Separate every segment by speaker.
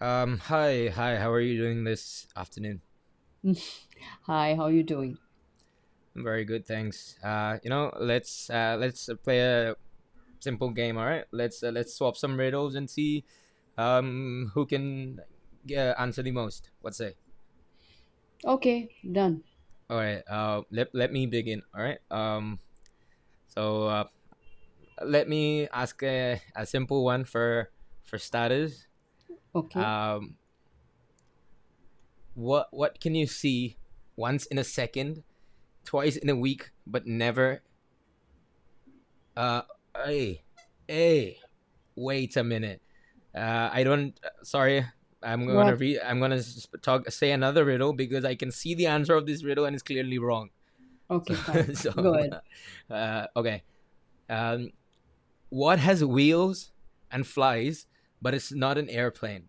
Speaker 1: Hi, hi. How are you doing this afternoon?
Speaker 2: Hi, how you doing?
Speaker 1: I'm very good, thanks. Let's play a simple game. All right, let's swap some riddles and see, who can answer the most. What say?
Speaker 2: Okay, done.
Speaker 1: All right. Let me begin. All right. So uh, let me ask a simple one for starters.
Speaker 2: Okay.
Speaker 1: Um, what can you see once in a second, twice in a week, but never Uh, hey, hey, wait a minute. I don't. Sorry, I'm
Speaker 2: What
Speaker 1: gonna
Speaker 2: hap-
Speaker 1: re. I'm gonna talk. Say another riddle because I can see the answer of this riddle and it's clearly wrong. So,
Speaker 2: Okay, fine.
Speaker 1: so
Speaker 2: Go ahead.
Speaker 1: okay. Um, what has wheels and flies, but it's not an airplane?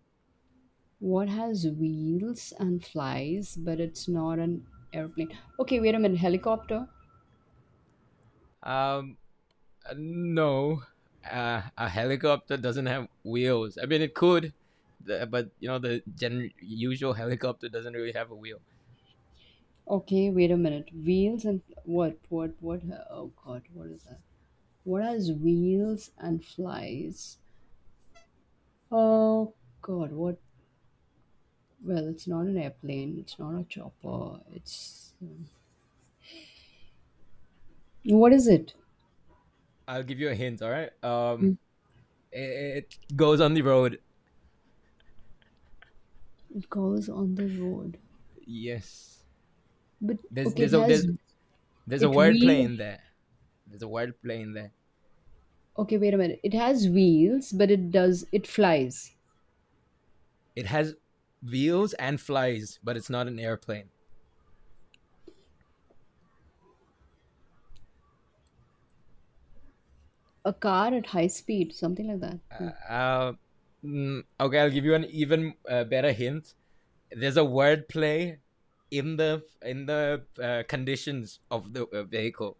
Speaker 2: What has wheels and flies, but it's not an airplane? Okay, wait a minute. Helicopter?
Speaker 1: Um, no. A helicopter doesn't have wheels. I mean, it could, but you know the usual helicopter doesn't really have a wheel.
Speaker 2: Okay, wait a minute. Wheels and what? What? What? Oh God, what is that? What has wheels and flies? Oh God, what? Well, it's not an airplane. It's not a chopper. It's what is it?
Speaker 1: I'll give you a hint. All right.
Speaker 2: Mm.
Speaker 1: It, it goes on the road.
Speaker 2: It goes on the road.
Speaker 1: Yes.
Speaker 2: But
Speaker 1: There's
Speaker 2: okay,
Speaker 1: there's
Speaker 2: it
Speaker 1: a there's
Speaker 2: has.
Speaker 1: there's a
Speaker 2: It
Speaker 1: word play
Speaker 2: wheel.
Speaker 1: in there. There's a word play in there.
Speaker 2: Okay, wait a minute. It has wheels, but it does. It flies.
Speaker 1: It has wheels and flies, but it's not an airplane.
Speaker 2: A car at high speed, something like that.
Speaker 1: Uh,
Speaker 2: No.
Speaker 1: uh, okay, I'll give you an even better hint. There's a word play in the conditions of the vehicle.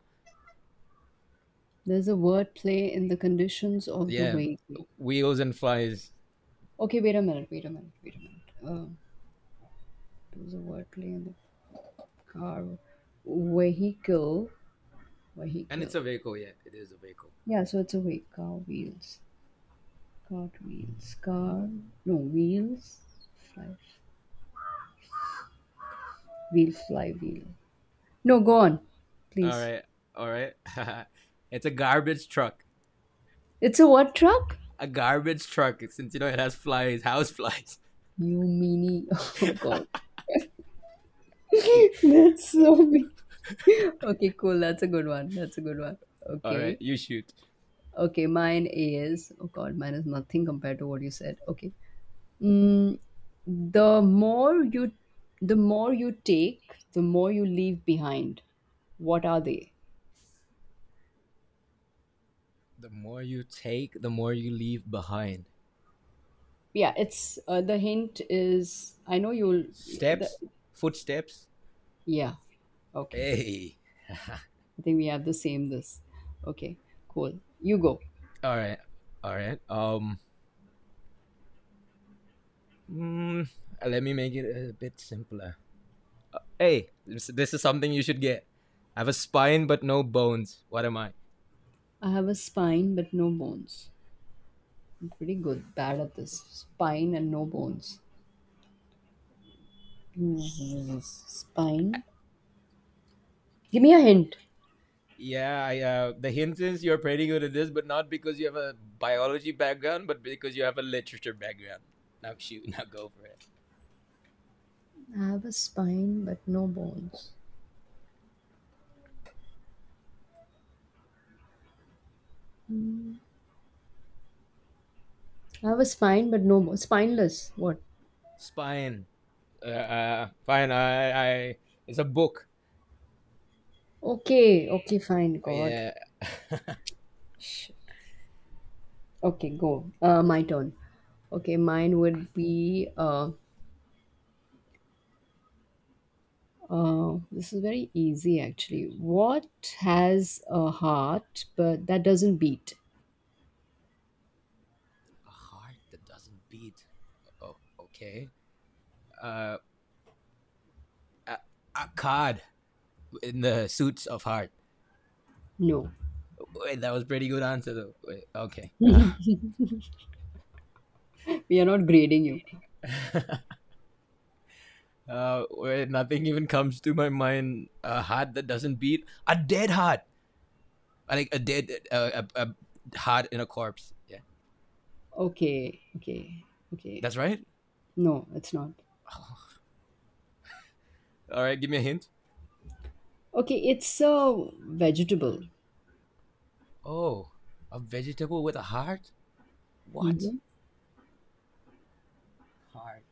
Speaker 2: There's a word play in the conditions of the
Speaker 1: Yeah,
Speaker 2: vehicle.
Speaker 1: wheels and flies,
Speaker 2: Okay, wait a minute. Wait a minute. Wait a minute. There's a word play in the car vehicle.
Speaker 1: and it's
Speaker 2: Vehicle.
Speaker 1: a vehicle. Yeah, it is a vehicle.
Speaker 2: Yeah, so it's a wait. Car wheels. Car wheels. Car. No wheels. Fly. Wheel. Fly. Wheel. No, go on,
Speaker 1: All
Speaker 2: please.
Speaker 1: right, all right. it's a garbage truck.
Speaker 2: It's a what truck?
Speaker 1: A garbage truck. Since you know it has flies, house flies.
Speaker 2: You meanie. Oh God. That's so mean. Okay, cool. That's a good one. That's a good one.
Speaker 1: All right,
Speaker 2: Okay.
Speaker 1: you shoot.
Speaker 2: Okay, mine is oh God, mine is nothing compared to what you said. Okay. Mm, the more you the more you take, the more you leave behind. What are they?
Speaker 1: The more you take, the more you leave behind.
Speaker 2: Yeah, it's the hint is I know you'll the,
Speaker 1: Steps, footsteps.
Speaker 2: yeah. Okay.
Speaker 1: Hey.
Speaker 2: I think we have the same this. Okay. Cool. You go.
Speaker 1: All right, all right. Mm, let me make it a bit simpler. Hey, this is something you should get. I have a spine but no bones. What am I?
Speaker 2: I have a spine but no bones. I'm pretty good, bad at this. Spine and no bones. Spine. Give me a hint.
Speaker 1: Yeah, the hint is you're pretty good at this, but not because you have a biology background, but because you have a literature background. Now shoot, now go for it.
Speaker 2: I have a spine but no bones. I have a spine but no bones. Spineless. What?
Speaker 1: Spine. Fine. I. It's a book.
Speaker 2: Okay, okay, fine. God.
Speaker 1: Yeah,
Speaker 2: Shit. Okay, go. My turn. Okay, mine would be. This is very easy actually. What has a heart but that doesn't beat?
Speaker 1: a heart that doesn't beat. Oh, okay. Uh, a, a card in the suits of heart.
Speaker 2: No,
Speaker 1: Wait, that was pretty good answer though. Wait, okay.
Speaker 2: we are not grading you.
Speaker 1: Wait, nothing even comes to my mind. A heart that doesn't beat. A dead heart. I think a dead, a heart in a corpse. Yeah,
Speaker 2: Okay, okay, okay.
Speaker 1: that's right.
Speaker 2: No, it's not.
Speaker 1: All right, give me a hint.
Speaker 2: Okay, it's a vegetable.
Speaker 1: Oh, a vegetable with a heart? What? Heart.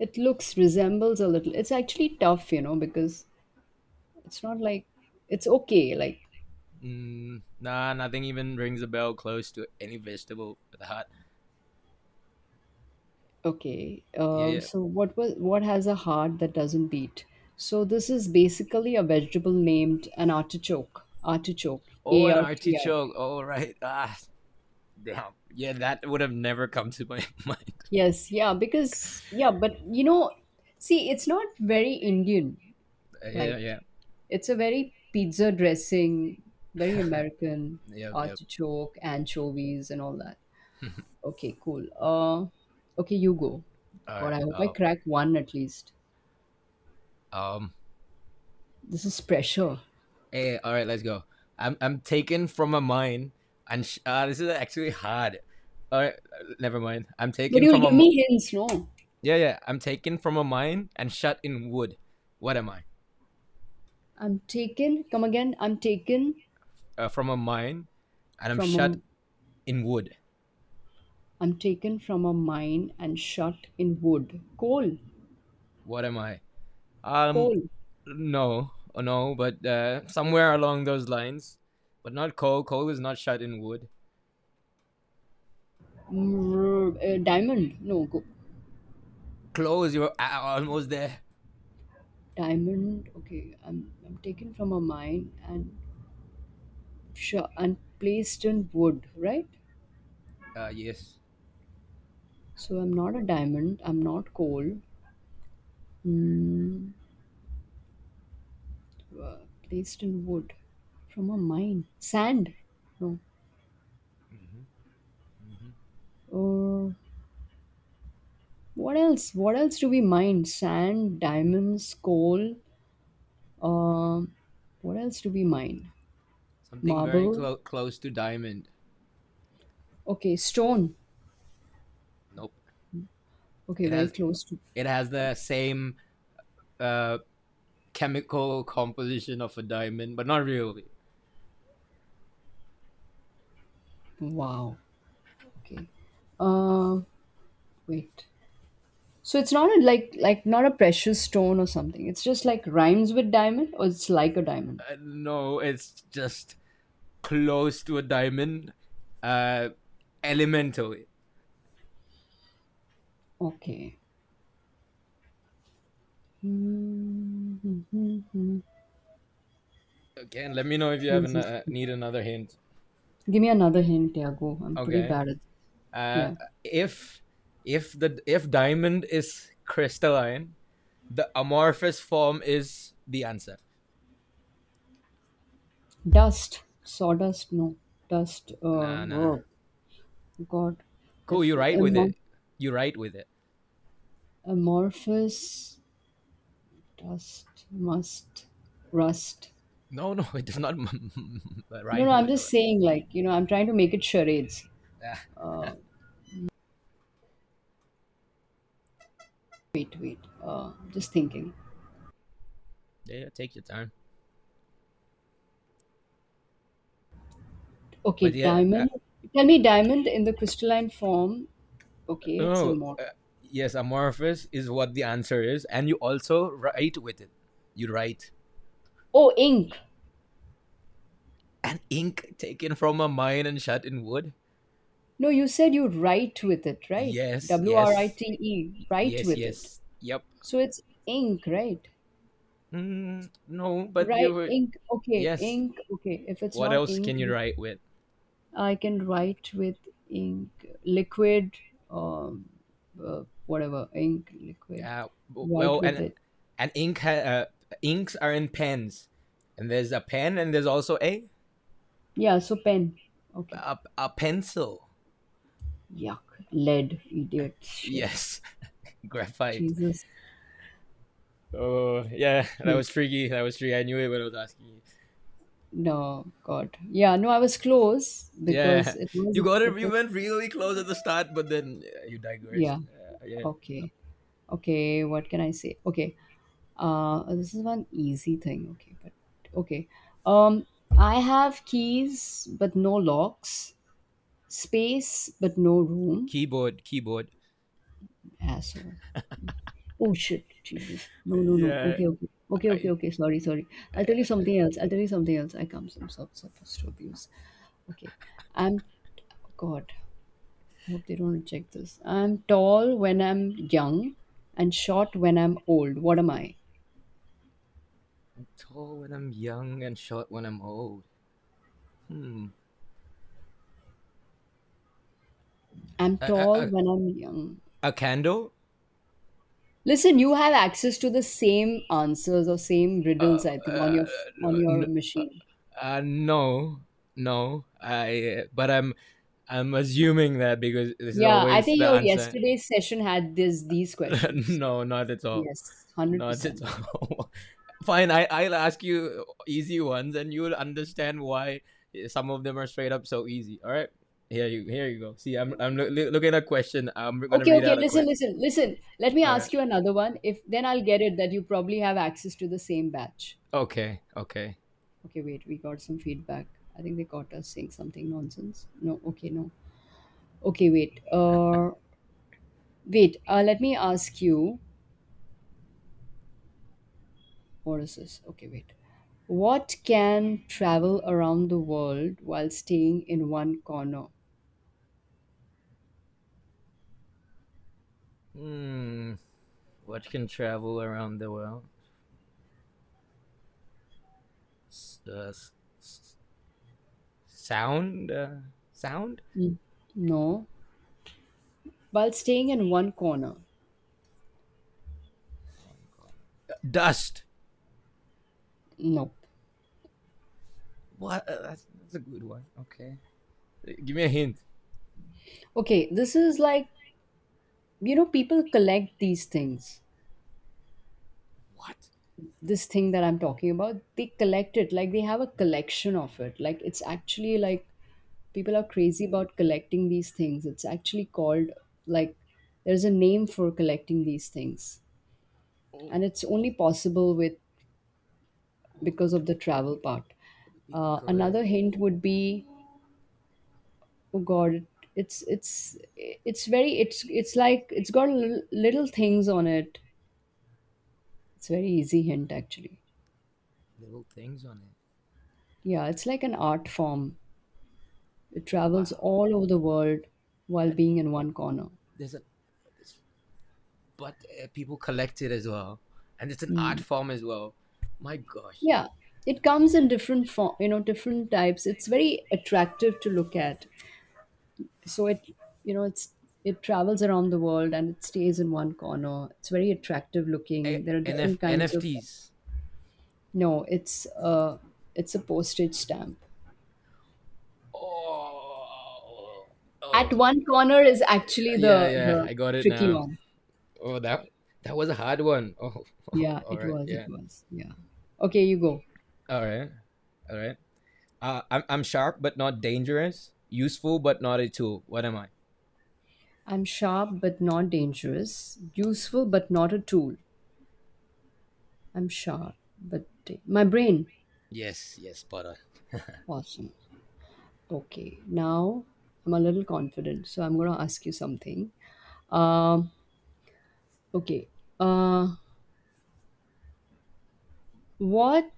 Speaker 2: It looks resembles a little. It's actually tough, because it's not like it's okay. Like
Speaker 1: Mm, nah, nothing even rings a bell close to any vegetable with a heart.
Speaker 2: okay,
Speaker 1: Yeah, yeah.
Speaker 2: so what has a heart that doesn't beat? So this is basically a vegetable named an artichoke. Artichoke,
Speaker 1: Oh,
Speaker 2: A
Speaker 1: an
Speaker 2: R T I.
Speaker 1: artichoke. All right. Ah, damn. Yeah, that would have never come to my mind.
Speaker 2: Yes, yeah, because yeah, but you know, see, it's not very Indian.
Speaker 1: yeah,
Speaker 2: Like
Speaker 1: yeah,
Speaker 2: it's a very pizza dressing, very American,
Speaker 1: yep, yep.
Speaker 2: artichoke, anchovies, and all that. Okay, cool. Okay, you go.
Speaker 1: All
Speaker 2: God,
Speaker 1: right.
Speaker 2: I hope I
Speaker 1: Oh,
Speaker 2: crack one at least.
Speaker 1: um,
Speaker 2: This is pressure.
Speaker 1: Hey, all right, let's go. I'm taken from a mine, and this is actually hard. All right, never mind. I'm
Speaker 2: But
Speaker 1: taken
Speaker 2: you'll
Speaker 1: from a
Speaker 2: give
Speaker 1: mi-
Speaker 2: me hints, no?
Speaker 1: yeah yeah. I'm taken from a mine and shut in wood. What am I?
Speaker 2: I'm taken. Come again. I'm taken
Speaker 1: From a mine, and I'm
Speaker 2: from
Speaker 1: shut
Speaker 2: a.
Speaker 1: in wood.
Speaker 2: I'm taken from a mine and shut in wood. Coal.
Speaker 1: What am I? Um,
Speaker 2: Coal.
Speaker 1: no, no, but somewhere along those lines, but not coal. Coal is not shut in wood.
Speaker 2: Diamond. No. Go.
Speaker 1: Close. You're almost there.
Speaker 2: Diamond. Okay. I'm taken from a mine and sure, and placed in wood, right?
Speaker 1: Yes.
Speaker 2: So I'm not a diamond. I'm not coal. Mm, uh, placed in wood from a mine. Sand. No.
Speaker 1: hmm hmm.
Speaker 2: Uh, what else? What else do we mine? Sand, diamonds, coal. Um, what else do we mine?
Speaker 1: Something very
Speaker 2: Marble.
Speaker 1: close to diamond.
Speaker 2: Okay, stone.
Speaker 1: Nope.
Speaker 2: Okay,
Speaker 1: It
Speaker 2: very
Speaker 1: has
Speaker 2: close to.
Speaker 1: it has
Speaker 2: uh,
Speaker 1: the same uh, chemical composition of a diamond, but not really.
Speaker 2: Wow. Okay. Uh, wait. So it's not a, like not a precious stone or something. It's just like rhymes with diamond, or it's like a diamond.
Speaker 1: No, it's just close to a diamond, uh, elementally.
Speaker 2: Okay. Mm-hmm.
Speaker 1: Again, let me know if you have an,
Speaker 2: Jesus.
Speaker 1: need another hint.
Speaker 2: Give me another hint, Tiago. I'm pretty
Speaker 1: Okay.
Speaker 2: bad at this.
Speaker 1: Uh,
Speaker 2: Yeah.
Speaker 1: if if the if diamond is crystalline, the amorphous form is the answer.
Speaker 2: Dust. Sawdust. No. Dust.
Speaker 1: Nah, nah.
Speaker 2: God.
Speaker 1: Cool,
Speaker 2: If
Speaker 1: you right with
Speaker 2: amor-
Speaker 1: it. You right with it.
Speaker 2: amorphous. Dust. Must. Rust.
Speaker 1: No, no, it does not
Speaker 2: No, no.
Speaker 1: rhyme
Speaker 2: I'm
Speaker 1: with
Speaker 2: just
Speaker 1: it.
Speaker 2: saying. Like you know. I'm trying to make it charades.
Speaker 1: Ah,
Speaker 2: Wait. Wait. Just thinking.
Speaker 1: yeah, yeah, take your time.
Speaker 2: Okay,
Speaker 1: But yeah,
Speaker 2: diamond. Tell me, diamond in the crystalline form. Okay, it's a
Speaker 1: oh,
Speaker 2: mortar.
Speaker 1: yes, amorphous is what the answer is, and you also write with it. You write
Speaker 2: Oh, ink.
Speaker 1: an ink taken from a mine and shut in wood.
Speaker 2: No, you said you write with it, right?
Speaker 1: Yes,
Speaker 2: W R I
Speaker 1: yes,
Speaker 2: T E, write
Speaker 1: yes,
Speaker 2: with it.
Speaker 1: yes. Yep.
Speaker 2: So it's ink, right?
Speaker 1: Mm, no, but
Speaker 2: Right, ink. Okay,
Speaker 1: Yes.
Speaker 2: ink. Okay, if it's
Speaker 1: What
Speaker 2: not
Speaker 1: else
Speaker 2: ink,
Speaker 1: can you write with?
Speaker 2: I can write with ink, liquid, um, whatever, ink, liquid.
Speaker 1: Well,
Speaker 2: Write with it.
Speaker 1: and ink. Inks are in pens, and there's a pen, and there's also a
Speaker 2: Yeah, so pen. Okay.
Speaker 1: a pencil.
Speaker 2: Yuck. Lead. Idiot. Shit.
Speaker 1: Yes, graphite.
Speaker 2: Jesus.
Speaker 1: Oh yeah, that
Speaker 2: He
Speaker 1: was tricky. That was tricky. I knew it when I was asking you.
Speaker 2: no, God. Yeah, no, I was close because
Speaker 1: Yeah,
Speaker 2: it was
Speaker 1: you
Speaker 2: it
Speaker 1: got it.
Speaker 2: it
Speaker 1: You
Speaker 2: was
Speaker 1: went really close at the start, but then you
Speaker 2: yeah.
Speaker 1: digressed. Yeah,
Speaker 2: Okay. Okay, what can I say? Okay. This is one easy thing. Okay, but okay. Um I have keys but no locks, space but no room.
Speaker 1: keyboard, keyboard.
Speaker 2: Asshole. Oh shit, Jesus. No, no, no.
Speaker 1: Yeah,
Speaker 2: Okay, okay. Okay, okay,
Speaker 1: I
Speaker 2: okay. Sorry, sorry. I'll tell you something else. I'll tell you something else. I'm supposed to abuse. Okay. I'm God. I hope they don't reject this. I'm tall when I'm young and short when I'm old. What am I?
Speaker 1: tall when I'm young and short when I'm old. Hmm.
Speaker 2: I'm
Speaker 1: A a
Speaker 2: tall
Speaker 1: a,
Speaker 2: when I'm young.
Speaker 1: candle?
Speaker 2: Listen, you have access to the same answers or same
Speaker 1: Uh,
Speaker 2: riddles, I think, on
Speaker 1: uh,
Speaker 2: your on
Speaker 1: n-
Speaker 2: your machine.
Speaker 1: no, no. I. But I'm assuming that because this is
Speaker 2: Yeah, I
Speaker 1: always
Speaker 2: think
Speaker 1: the
Speaker 2: your
Speaker 1: answer.
Speaker 2: yesterday's session had this these questions.
Speaker 1: no, not at all.
Speaker 2: Yes,
Speaker 1: Not at
Speaker 2: 100%.
Speaker 1: all. Fine, I'll ask you easy ones and you'll understand why some of them are straight up so easy. All right. Here you go. See, I'm looking at a question. I'm gonna
Speaker 2: Okay,
Speaker 1: read
Speaker 2: okay,
Speaker 1: out a
Speaker 2: listen,
Speaker 1: question.
Speaker 2: listen, listen. Let me
Speaker 1: All
Speaker 2: ask
Speaker 1: right.
Speaker 2: you another one. If then I'll get it that you probably have access to the same batch.
Speaker 1: Okay. Okay.
Speaker 2: Okay, wait, we got some feedback. I think they caught us saying something nonsense. No, okay, no. Okay, wait. Wait, let me ask you what is this? Okay, wait. What can travel around the world while staying in one corner?
Speaker 1: Hmm. What can travel around the world? S- uh, s- s- sound. Sound.
Speaker 2: Mm. No. While staying in one corner?
Speaker 1: One corner. Dust.
Speaker 2: No.
Speaker 1: What? That's a good one. Okay. Give me a hint.
Speaker 2: Okay, this is like, people collect these things.
Speaker 1: What?
Speaker 2: This thing that I'm talking about, they collect it. Like they have a collection of it. Like it's actually like people are crazy about collecting these things. It's actually called like there's a name for collecting these things,
Speaker 1: Oh,
Speaker 2: and it's only possible with
Speaker 1: what?
Speaker 2: because
Speaker 1: what the,
Speaker 2: of the travel part.
Speaker 1: but the people
Speaker 2: Another
Speaker 1: collect
Speaker 2: hint would be, oh God, it's very, it's got little, little things on it. It's a very easy hint actually.
Speaker 1: little things on it.
Speaker 2: Yeah, it's like an art form. It travels
Speaker 1: Wow.
Speaker 2: all over the world while
Speaker 1: And
Speaker 2: being in one corner.
Speaker 1: there's a there's, but people collect it as well, and it's an art
Speaker 2: Mm.
Speaker 1: form as well. My gosh,
Speaker 2: Yeah, it comes in different form, different types. It's very attractive to look at. So it, you know, it's it travels around the world and it stays in one corner. It's very attractive looking. There are different kinds of.
Speaker 1: NFTs.
Speaker 2: No, it's a postage stamp.
Speaker 1: Oh, oh,
Speaker 2: At one corner is actually
Speaker 1: yeah,
Speaker 2: the
Speaker 1: yeah.
Speaker 2: the
Speaker 1: I got it
Speaker 2: tricky
Speaker 1: now.
Speaker 2: one.
Speaker 1: Oh, that that was a hard one. Oh, oh
Speaker 2: Yeah,
Speaker 1: all
Speaker 2: it
Speaker 1: right,
Speaker 2: was.
Speaker 1: yeah,
Speaker 2: It was. Yeah. Okay, you go.
Speaker 1: all right, all right. I'm sharp but not dangerous. Useful but not a tool. What am I?
Speaker 2: I'm sharp but not dangerous. Useful but not a tool. I'm sharp but my brain.
Speaker 1: Yes, yes, spot on. What?
Speaker 2: Awesome. Okay. Now I'm a little confident, so I'm going to ask you something. Um, okay. Uh, what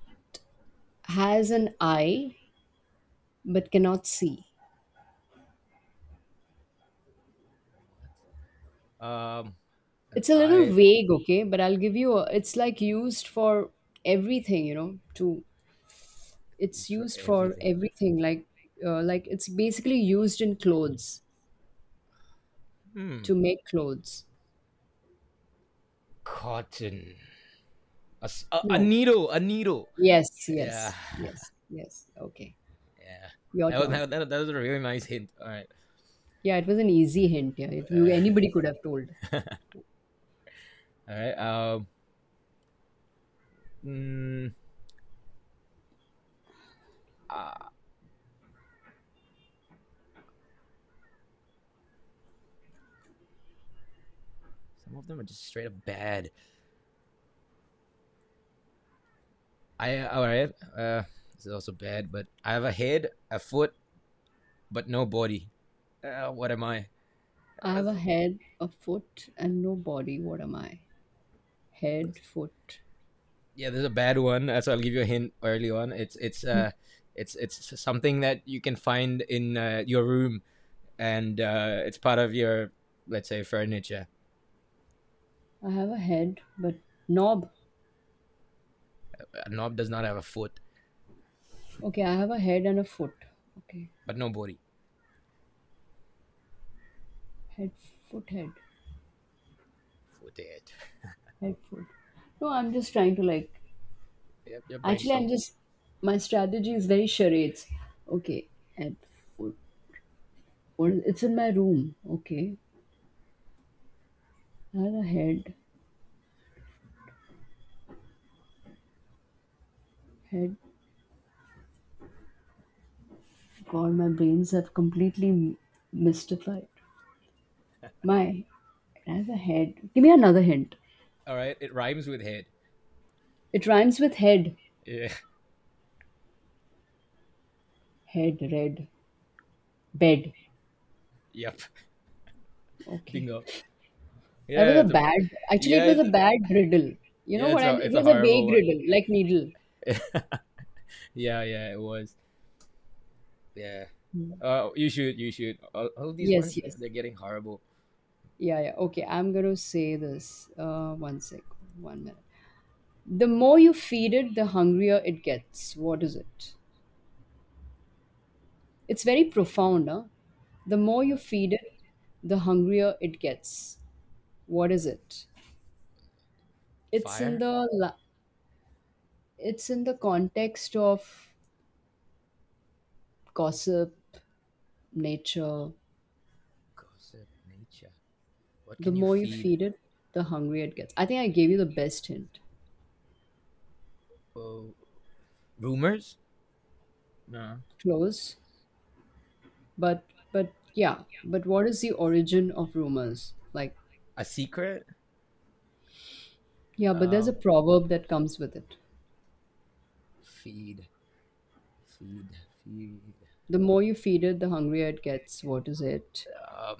Speaker 2: has an eye but cannot see?
Speaker 1: Um, an
Speaker 2: It's a little
Speaker 1: I
Speaker 2: vague, okay, but I'll give you a, it's like used for everything, to it's
Speaker 1: Used for
Speaker 2: used for
Speaker 1: everything.
Speaker 2: everything like it's basically used in clothes
Speaker 1: Hmm.
Speaker 2: to make clothes.
Speaker 1: Cotton. A
Speaker 2: No.
Speaker 1: needle. A needle.
Speaker 2: Yes,
Speaker 1: Yeah.
Speaker 2: yes, yes, yes. Okay.
Speaker 1: Yeah.
Speaker 2: Your
Speaker 1: That was,
Speaker 2: turn.
Speaker 1: that was a really nice hint. All right.
Speaker 2: Yeah, it was an easy hint. Yeah, it, you,
Speaker 1: Uh,
Speaker 2: anybody could have told.
Speaker 1: all right. Mm, ah, some of them are just straight up bad. I. All right. This is also bad, but I have a head, a foot, but no body. What am I?
Speaker 2: I
Speaker 1: Uh,
Speaker 2: have a head, a foot, and no body. What am I? Head, foot.
Speaker 1: yeah, this is a bad one. So I'll give you a hint early on. It's something that you can find in your room and it's part of your, let's say, furniture.
Speaker 2: I have a head, but knob.
Speaker 1: A knob does not have a foot,
Speaker 2: Okay, I have a head and a foot. Okay.
Speaker 1: but no body.
Speaker 2: Head, foot, head.
Speaker 1: Footed.
Speaker 2: Head, foot. No, I'm just trying to like.
Speaker 1: Yep, your
Speaker 2: Actually, I'm
Speaker 1: brainstorm.
Speaker 2: just. My strategy is very charades. Okay. Head, foot. Or it's in my room. Okay. I have a head. Head God, my brains have completely mystified. My, I have a head. Give me another hint.
Speaker 1: All right, it rhymes with head.
Speaker 2: It rhymes with head.
Speaker 1: Yeah,
Speaker 2: Head, red, bed.
Speaker 1: yep,
Speaker 2: Okay.
Speaker 1: bingo.
Speaker 2: That was
Speaker 1: Yeah,
Speaker 2: a
Speaker 1: it's a,
Speaker 2: bad, actually,
Speaker 1: yeah,
Speaker 2: it was a bad riddle. You
Speaker 1: yeah,
Speaker 2: know what I'm, it
Speaker 1: it's a
Speaker 2: was a
Speaker 1: horrible
Speaker 2: vague
Speaker 1: one.
Speaker 2: riddle, like needle.
Speaker 1: yeah, yeah, it was. Yeah.
Speaker 2: Hmm.
Speaker 1: You should. All these
Speaker 2: Yes,
Speaker 1: ones,
Speaker 2: yes.
Speaker 1: they're getting horrible.
Speaker 2: Yeah, yeah. Okay, I'm going to say this. One sec, 1 minute. The more you feed it, the hungrier it gets. What is it? It's very profound, huh? The more you
Speaker 1: Uh,
Speaker 2: feed it, the hungrier it gets. What is
Speaker 1: uh,
Speaker 2: it? It's in
Speaker 1: fire,
Speaker 2: the la- it's in the context of gossip, nature.
Speaker 1: gossip, nature. What
Speaker 2: The
Speaker 1: can you
Speaker 2: more you
Speaker 1: feed?
Speaker 2: feed it, the hungrier it gets. I think I gave you the best hint.
Speaker 1: Oh, rumors? No.
Speaker 2: Close, but yeah, but what is the origin of rumors? Like
Speaker 1: A secret?
Speaker 2: yeah, but there's
Speaker 1: Uh,
Speaker 2: a proverb that comes with it.
Speaker 1: Feed, feed, feed.
Speaker 2: The more you feed it, the hungrier it gets. What is it?
Speaker 1: Um,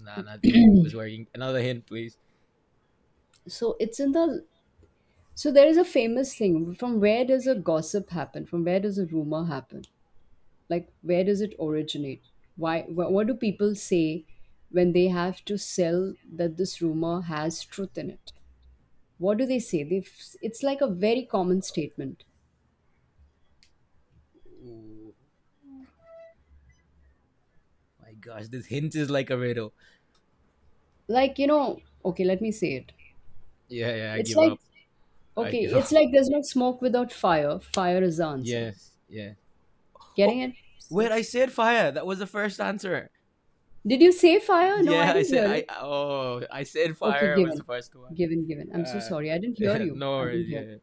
Speaker 1: nah, nothing was working. Another hint, please.
Speaker 2: So it's in the So there is a famous thing. From where does a gossip happen? From where does a rumor happen? Like where does it originate? Why? What do people say when they have to sell that this rumor has truth in it? What do they say? It's like a very common statement.
Speaker 1: Oh my gosh, this hint is like a riddle.
Speaker 2: Like okay, let me say it.
Speaker 1: Yeah, yeah, I
Speaker 2: It's
Speaker 1: give
Speaker 2: like
Speaker 1: up. I give
Speaker 2: okay, it's
Speaker 1: up.
Speaker 2: like there's no smoke without fire. Fire is the answer.
Speaker 1: Yes, yeah. Oh,
Speaker 2: Getting it?
Speaker 1: wait,
Speaker 2: So,
Speaker 1: I said fire. That was the first answer.
Speaker 2: did you say fire? No,
Speaker 1: Yeah,
Speaker 2: I
Speaker 1: I
Speaker 2: didn't
Speaker 1: said
Speaker 2: hear
Speaker 1: I.
Speaker 2: it.
Speaker 1: Oh, I said
Speaker 2: Okay,
Speaker 1: fire was the
Speaker 2: given,
Speaker 1: first one.
Speaker 2: given, given. I'm so
Speaker 1: Uh,
Speaker 2: sorry. I didn't hear
Speaker 1: yeah,
Speaker 2: you.
Speaker 1: no
Speaker 2: I didn't
Speaker 1: worries.
Speaker 2: hear.
Speaker 1: Yeah,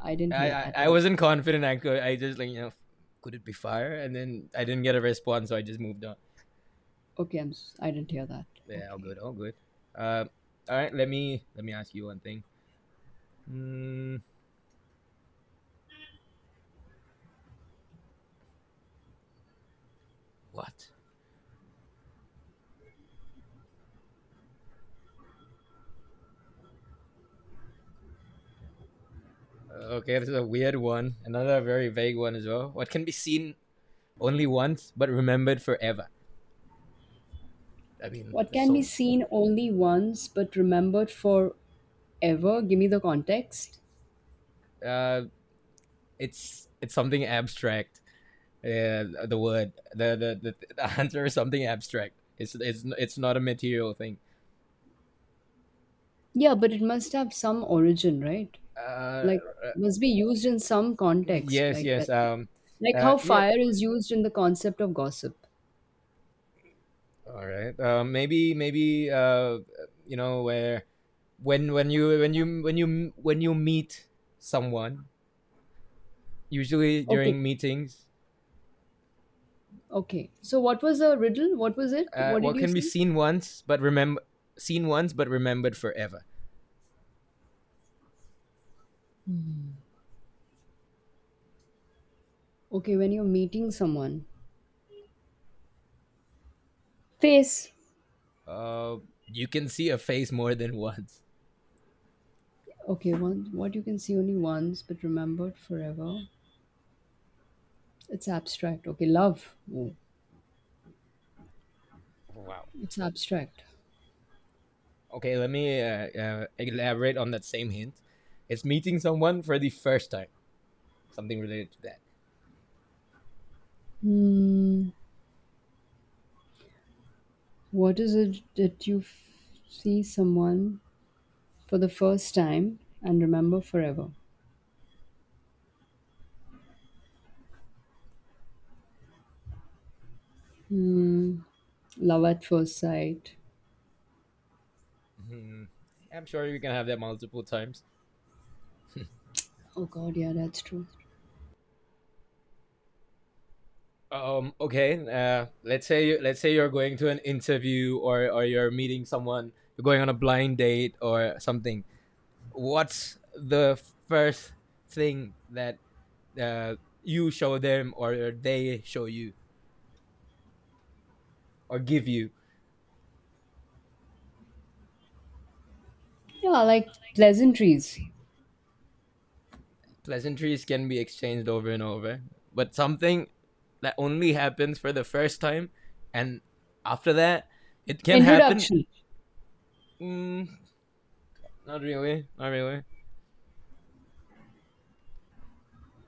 Speaker 2: I didn't
Speaker 1: yeah.
Speaker 2: hear at
Speaker 1: I
Speaker 2: all.
Speaker 1: wasn't confident. I could. I just like you know, could it be fire? And then I didn't get a response, so I just moved on.
Speaker 2: Okay, I didn't hear that.
Speaker 1: Yeah, all
Speaker 2: Okay.
Speaker 1: good, all good. Uh, let me ask you one thing. Mm, What? Okay, this is a weird one. Another very vague one as well. What can be seen only once but remembered forever? I mean,
Speaker 2: What
Speaker 1: There's
Speaker 2: can be
Speaker 1: so
Speaker 2: seen only once but remembered for ever? Give me the context.
Speaker 1: uh, it's something abstract. The answer is something abstract. It's not a material thing.
Speaker 2: Yeah, but it must have some origin, right?
Speaker 1: Uh,
Speaker 2: Like
Speaker 1: uh,
Speaker 2: must be used in some context,
Speaker 1: yes,
Speaker 2: like
Speaker 1: yes.
Speaker 2: that. Like how
Speaker 1: Yeah.
Speaker 2: fire is used in the concept of gossip.
Speaker 1: All right. Maybe maybe you know where when you meet someone usually
Speaker 2: Okay.
Speaker 1: during meetings
Speaker 2: Okay. So what was the riddle? What was it? What did
Speaker 1: what
Speaker 2: you
Speaker 1: can be
Speaker 2: say?
Speaker 1: seen once but remember seen once but remembered forever.
Speaker 2: Okay, when you're meeting someone. Face.
Speaker 1: Uh, you can see a face more than once.
Speaker 2: Okay, one what you can see only once but remembered forever. It's abstract. Okay, love. Oh,
Speaker 1: Wow.
Speaker 2: it's abstract.
Speaker 1: Okay, let me elaborate on that same hint. It's meeting someone for the first time. Something related to that.
Speaker 2: Hmm. What is it that see someone for the first time and remember forever? Love at first sight.
Speaker 1: Mhm. I'm sure you can have that multiple times
Speaker 2: Oh God, yeah, that's true.
Speaker 1: Okay. Let's say you're going to an interview or you're meeting someone. You're going on a blind date or something. What's the first thing that you show them or they show you or give you?
Speaker 2: Yeah, like pleasantries.
Speaker 1: Pleasantries can be exchanged over and over, but something that only happens for the first time, and after that, it can happen.
Speaker 2: Introduction.
Speaker 1: Mm, not really. Not really.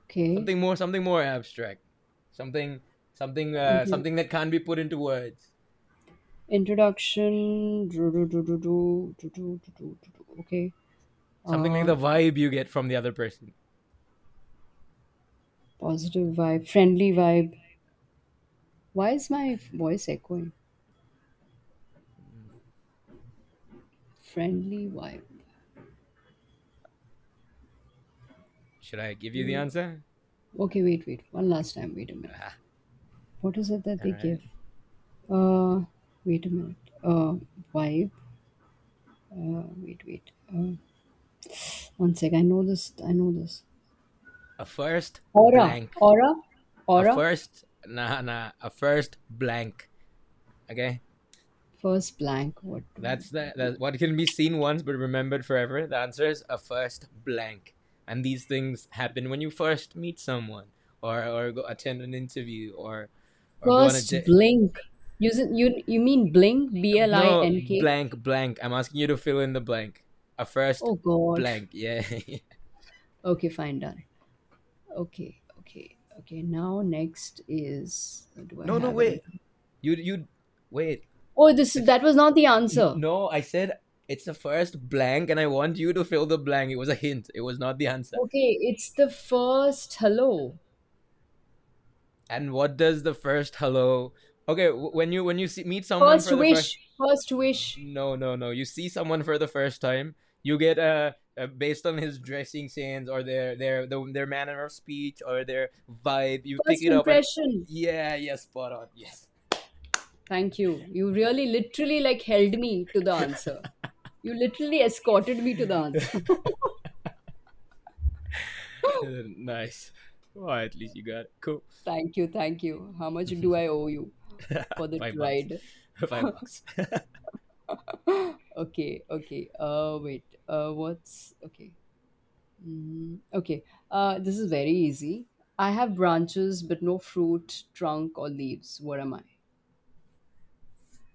Speaker 2: Okay.
Speaker 1: Something more abstract. Something,
Speaker 2: Intro-
Speaker 1: something that can't be put into words.
Speaker 2: Introduction. Do, do, do, do, do, do, do, do, do, do, do. Okay.
Speaker 1: Something like the
Speaker 2: Um,
Speaker 1: vibe you get from the other person.
Speaker 2: Positive vibe, friendly vibe. Why is my voice echoing? Friendly vibe.
Speaker 1: Should I give you the answer?
Speaker 2: Okay, wait, wait. One last time. Wait a minute.
Speaker 1: Ah,
Speaker 2: What is it that
Speaker 1: all
Speaker 2: they
Speaker 1: right.
Speaker 2: give? Uh, Wait a minute. Uh, Vibe. Wait, wait. One sec. I know this. I know this.
Speaker 1: A first
Speaker 2: Aura.
Speaker 1: blank.
Speaker 2: Aura.
Speaker 1: A
Speaker 2: Aura.
Speaker 1: first nah nah. A first blank. Okay.
Speaker 2: First blank. What?
Speaker 1: That's the that's what can be seen once but remembered forever. The answer is a first blank. And these things happen when you first meet someone, or go attend an interview, or go on a
Speaker 2: First
Speaker 1: date.
Speaker 2: blink. You mean blink? B L I
Speaker 1: No,
Speaker 2: N K.
Speaker 1: blank, blank. I'm asking you to fill in the blank. A first
Speaker 2: Oh God.
Speaker 1: blank. Yeah.
Speaker 2: Okay, fine, done. Okay, okay, okay. Now next is, do I
Speaker 1: No, no,
Speaker 2: have
Speaker 1: wait.
Speaker 2: anything?
Speaker 1: You wait.
Speaker 2: Oh, this is,
Speaker 1: It's
Speaker 2: that was not the answer.
Speaker 1: no. I said it's the first blank, and I want you to fill the blank. It was a hint. It was not the answer.
Speaker 2: Okay, it's the first hello.
Speaker 1: And what does the first hello? Okay, when you see, meet someone
Speaker 2: First
Speaker 1: for the first.
Speaker 2: wish, first wish,
Speaker 1: No, no, no. You see someone for the first time, you get a based on his dressing sense or their manner of speech or their vibe, you pick
Speaker 2: first
Speaker 1: it up and
Speaker 2: impression.
Speaker 1: yeah, yeah, spot on. Yes.
Speaker 2: Thank you. You really literally like held me to the answer. You literally escorted me to the answer.
Speaker 1: Nice. Well, at least you got it. Cool.
Speaker 2: Thank you, thank you. How much do I owe you for the
Speaker 1: 5 bucks.
Speaker 2: ride?
Speaker 1: 5 bucks.
Speaker 2: Okay, okay. Wait. Uh, what's okay. Mm, okay. This is very easy. I have branches but no fruit, trunk or leaves. What am I?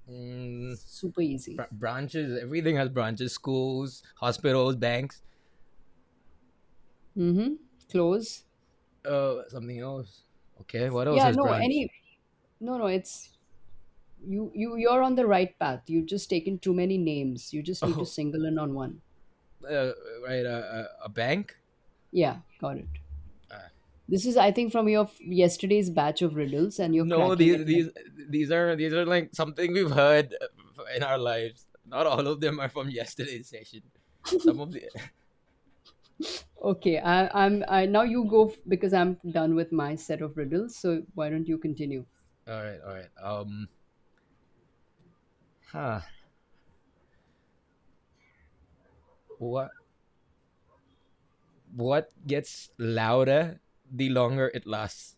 Speaker 1: Mm,
Speaker 2: Super easy.
Speaker 1: branches, everything has branches, schools, hospitals, banks,
Speaker 2: Mhm. Close.
Speaker 1: something else. Okay, what else
Speaker 2: Yeah,
Speaker 1: has
Speaker 2: no,
Speaker 1: branch?
Speaker 2: any, no no, it's, you're on the right path. You've just taken too many names. You just need to
Speaker 1: Oh,
Speaker 2: single in on one.
Speaker 1: uh, right, a bank?
Speaker 2: Yeah, got it.
Speaker 1: Uh,
Speaker 2: This is I think from your yesterday's batch of riddles and you're
Speaker 1: No,
Speaker 2: cracking it
Speaker 1: these
Speaker 2: like,
Speaker 1: these are like something we've heard in our lives. Not all of them are from yesterday's session. Some of the
Speaker 2: okay, I now you go because I'm done with my set of riddles, so why don't you continue?
Speaker 1: all right, all right. Huh. What what gets louder the longer it lasts?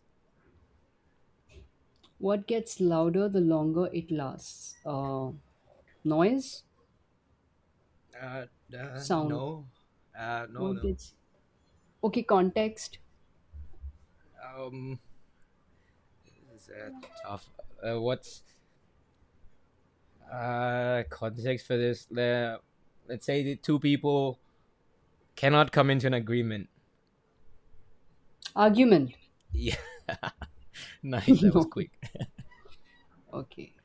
Speaker 2: What gets louder the longer it lasts? Noise,
Speaker 1: Uh,
Speaker 2: sound.
Speaker 1: no. No,
Speaker 2: What
Speaker 1: no.
Speaker 2: gets, okay, context.
Speaker 1: Um, is that tough. What's context for this? Let's say the two people cannot come into an agreement.
Speaker 2: Argument.
Speaker 1: Yeah, nice. That was
Speaker 2: No.
Speaker 1: quick.
Speaker 2: Okay.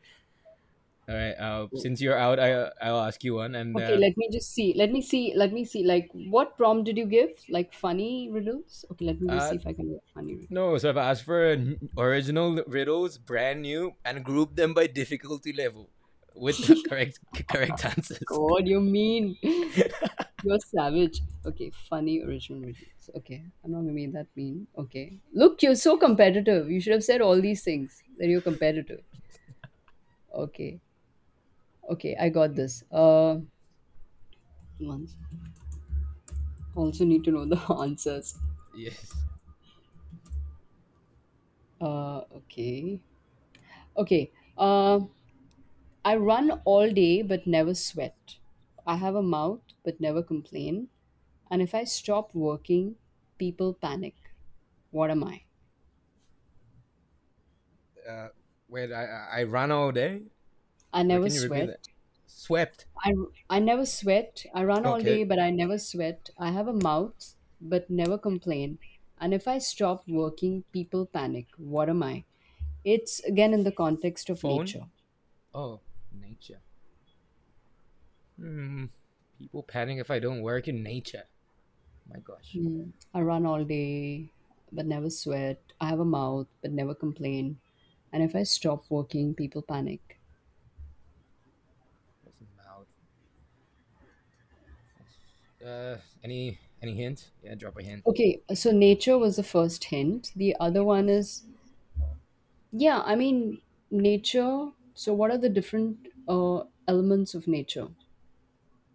Speaker 1: All right. Since you're out, I'll ask you one. And
Speaker 2: Okay, let me just see. Let me see. Let me see. Like, what prompt did you give? Like, funny riddles? Okay, let me just
Speaker 1: uh,
Speaker 2: see if I can get funny
Speaker 1: no,
Speaker 2: riddles.
Speaker 1: so I've asked for original riddles, brand new, and grouped them by difficulty level, with correct correct answers.
Speaker 2: God, you mean. You're savage. Okay, funny original riddles. Okay, I'm not gonna be that mean. Okay. Look, you're so competitive. You should have said all these things that you're competitive. Okay, okay, I got this. Once. Also need to know the answers.
Speaker 1: Yes.
Speaker 2: Okay. Okay. Um, I run all day but never sweat. I have a mouth but never complain. And if I stop working, people panic. What am I?
Speaker 1: Uh, wait, I ran all day.
Speaker 2: I
Speaker 1: Or
Speaker 2: never
Speaker 1: can you repeat
Speaker 2: sweat.
Speaker 1: that? Swept.
Speaker 2: I, I never sweat. I run all
Speaker 1: Okay.
Speaker 2: day but I never sweat. I have a mouth but never complain. And if I stop working, people panic. What am I? It's again in the context of
Speaker 1: Phone.
Speaker 2: nature.
Speaker 1: Oh, nature. Hmm. People panic if I don't work in nature. My gosh.
Speaker 2: Mm. I run all day, but never sweat. I have a mouth, but never complain. And if I stop working, people panic.
Speaker 1: What's the mouth? Any hint? Yeah, drop a hint.
Speaker 2: Okay, so nature was the first hint. The other one is,
Speaker 1: Oh.
Speaker 2: yeah, I mean, nature. So, what are the different elements of nature?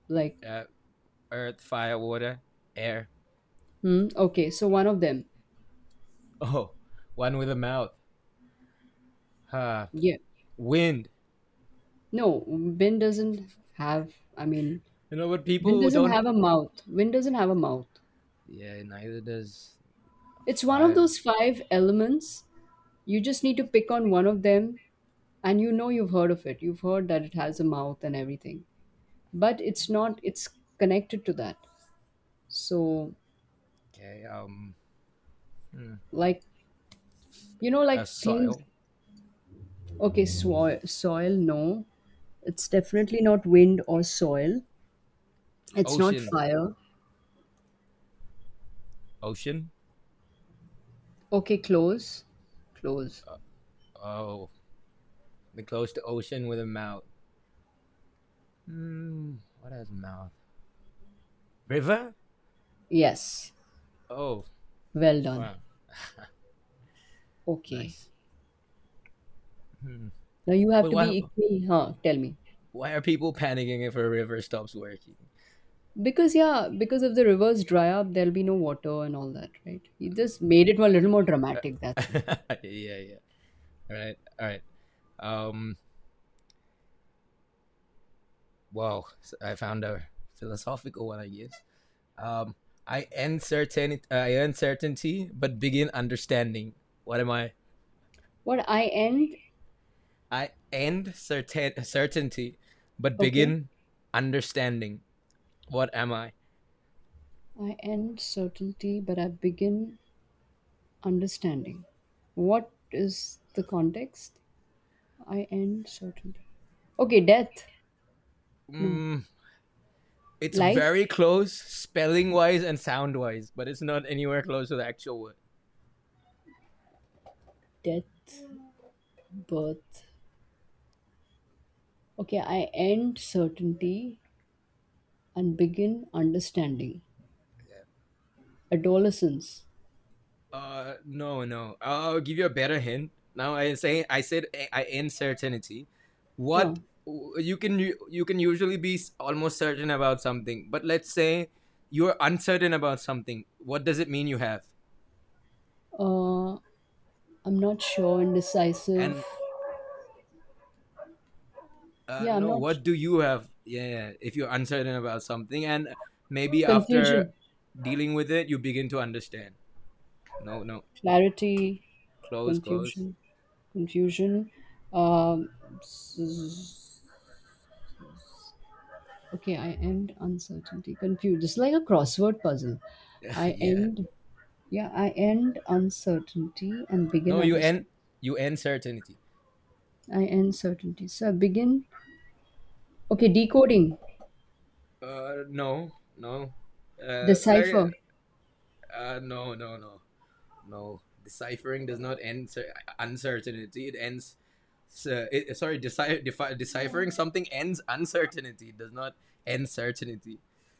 Speaker 2: Like,
Speaker 1: Uh, earth, fire, water, air.
Speaker 2: hmm, okay, so one of them,
Speaker 1: Oh, one with a mouth. Huh.
Speaker 2: yeah.
Speaker 1: Wind.
Speaker 2: No, wind doesn't have, I mean,
Speaker 1: You know what
Speaker 2: wind
Speaker 1: people
Speaker 2: doesn't
Speaker 1: don't.
Speaker 2: have a mouth. Wind doesn't have a mouth.
Speaker 1: Yeah, neither does
Speaker 2: It's one of
Speaker 1: fire.
Speaker 2: those five elements. You just need to pick on one of them and you know you've heard of it. You've heard that it has a mouth and everything. But it's not it's connected to that. So,
Speaker 1: Okay. Hmm.
Speaker 2: like, you know, like things,
Speaker 1: Soil.
Speaker 2: okay, soil no. It's definitely not wind or soil. It's not
Speaker 1: Ocean.
Speaker 2: fire.
Speaker 1: Ocean.
Speaker 2: Okay, close. Close.
Speaker 1: Oh, the close to ocean with a mouth. Hmm. What has a mouth? River.
Speaker 2: Yes.
Speaker 1: Oh.
Speaker 2: Well done.
Speaker 1: Wow.
Speaker 2: Okay.
Speaker 1: Nice. Hmm.
Speaker 2: Now you have
Speaker 1: But
Speaker 2: to
Speaker 1: why?
Speaker 2: be equal. Huh? Tell me.
Speaker 1: Why are people panicking if a river stops working?
Speaker 2: Because yeah, because if the rivers dry up, there'll be no water and all that, right? You just made it a little more dramatic, that's all.
Speaker 1: Yeah. Yeah. All right. All right. Um. Wow, so I found a philosophical one, I guess. Um, I end certainty, but begin understanding. What am I?
Speaker 2: What I end,
Speaker 1: I end certain certainty, but
Speaker 2: okay,
Speaker 1: begin understanding. What am I?
Speaker 2: I end certainty, but I begin understanding. What is the context? I end certainty. Okay, death. No.
Speaker 1: Mm, it's
Speaker 2: Life,
Speaker 1: very close, spelling wise and sound wise, but it's not anywhere close to the actual word.
Speaker 2: death, birth. Okay, I end certainty and begin understanding. Adolescence.
Speaker 1: No, no. I'll give you a better hint. Now I say I said I uncertainty. What
Speaker 2: Huh.
Speaker 1: you can usually be almost certain about something, but let's say you're uncertain about something. What does it mean you have?
Speaker 2: Uh, I'm not sure, indecisive.
Speaker 1: And
Speaker 2: Yeah, I'm
Speaker 1: no,
Speaker 2: not.
Speaker 1: what do you have? Yeah, yeah, if you're uncertain about something, and maybe after
Speaker 2: Confusion,
Speaker 1: dealing with it, you begin to understand. No, no,
Speaker 2: clarity,
Speaker 1: close, close.
Speaker 2: confusion, confusion. Um, s- s- okay, I end uncertainty. Confused. It's like a crossword puzzle. I
Speaker 1: Yeah.
Speaker 2: end. Yeah, I end uncertainty and
Speaker 1: No,
Speaker 2: begin
Speaker 1: you end
Speaker 2: understanding.
Speaker 1: you end certainty.
Speaker 2: I end certainty. So I begin. Okay, decoding,
Speaker 1: No, no. I,
Speaker 2: decipher.
Speaker 1: no, no, no, no. Deciphering does not end uncertainty. It ends. So, it, sorry, deciphering something ends uncertainty. It does not end certainty.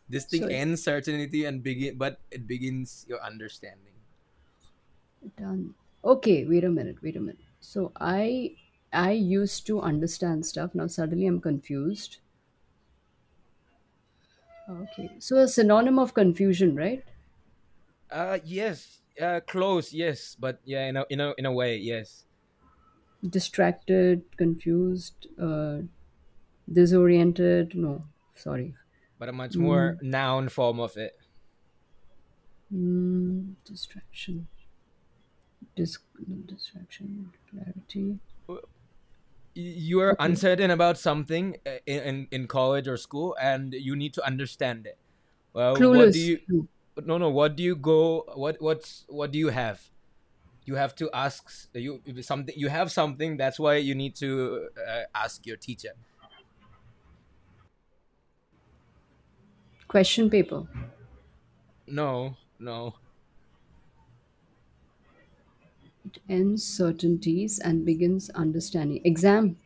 Speaker 1: This thing
Speaker 2: So it,
Speaker 1: ends certainty and begin, but it begins your understanding.
Speaker 2: done. Okay, wait a minute, wait a minute. I used to understand stuff. Now suddenly I'm confused. Okay. So a synonym of confusion, right?
Speaker 1: Yes. Close. Yes, but yeah, in a way, yes,
Speaker 2: Distracted, confused, disoriented. No, sorry.
Speaker 1: but a much more
Speaker 2: Mm,
Speaker 1: noun form of it.
Speaker 2: mm, distraction. Dis- no, distraction. Clarity.
Speaker 1: Uh, you're
Speaker 2: Okay.
Speaker 1: uncertain about something in college or school and you need to understand it well, what do
Speaker 2: Clueless.
Speaker 1: you,
Speaker 2: No.
Speaker 1: no no, what do you go, what what's what do you have, you have to ask you something, you have something, that's why you need to ask your teacher.
Speaker 2: Question paper.
Speaker 1: No no
Speaker 2: It ends certainties and begins understanding. Exam.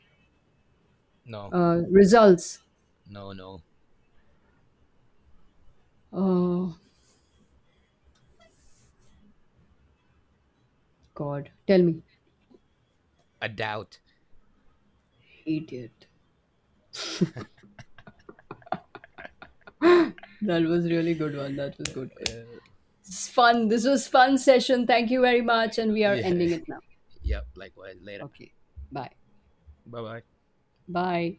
Speaker 1: no
Speaker 2: Results.
Speaker 1: no no,
Speaker 2: Uh, God, tell me.
Speaker 1: a doubt.
Speaker 2: Idiot. That was really good one. That was
Speaker 1: uh,
Speaker 2: good, good. It's fun. This was fun session. Thank you very much. And we are
Speaker 1: yeah,
Speaker 2: ending
Speaker 1: yep,
Speaker 2: it now.
Speaker 1: yeah, likewise, later,
Speaker 2: Okay. Bye.
Speaker 1: bye bye.
Speaker 2: Bye.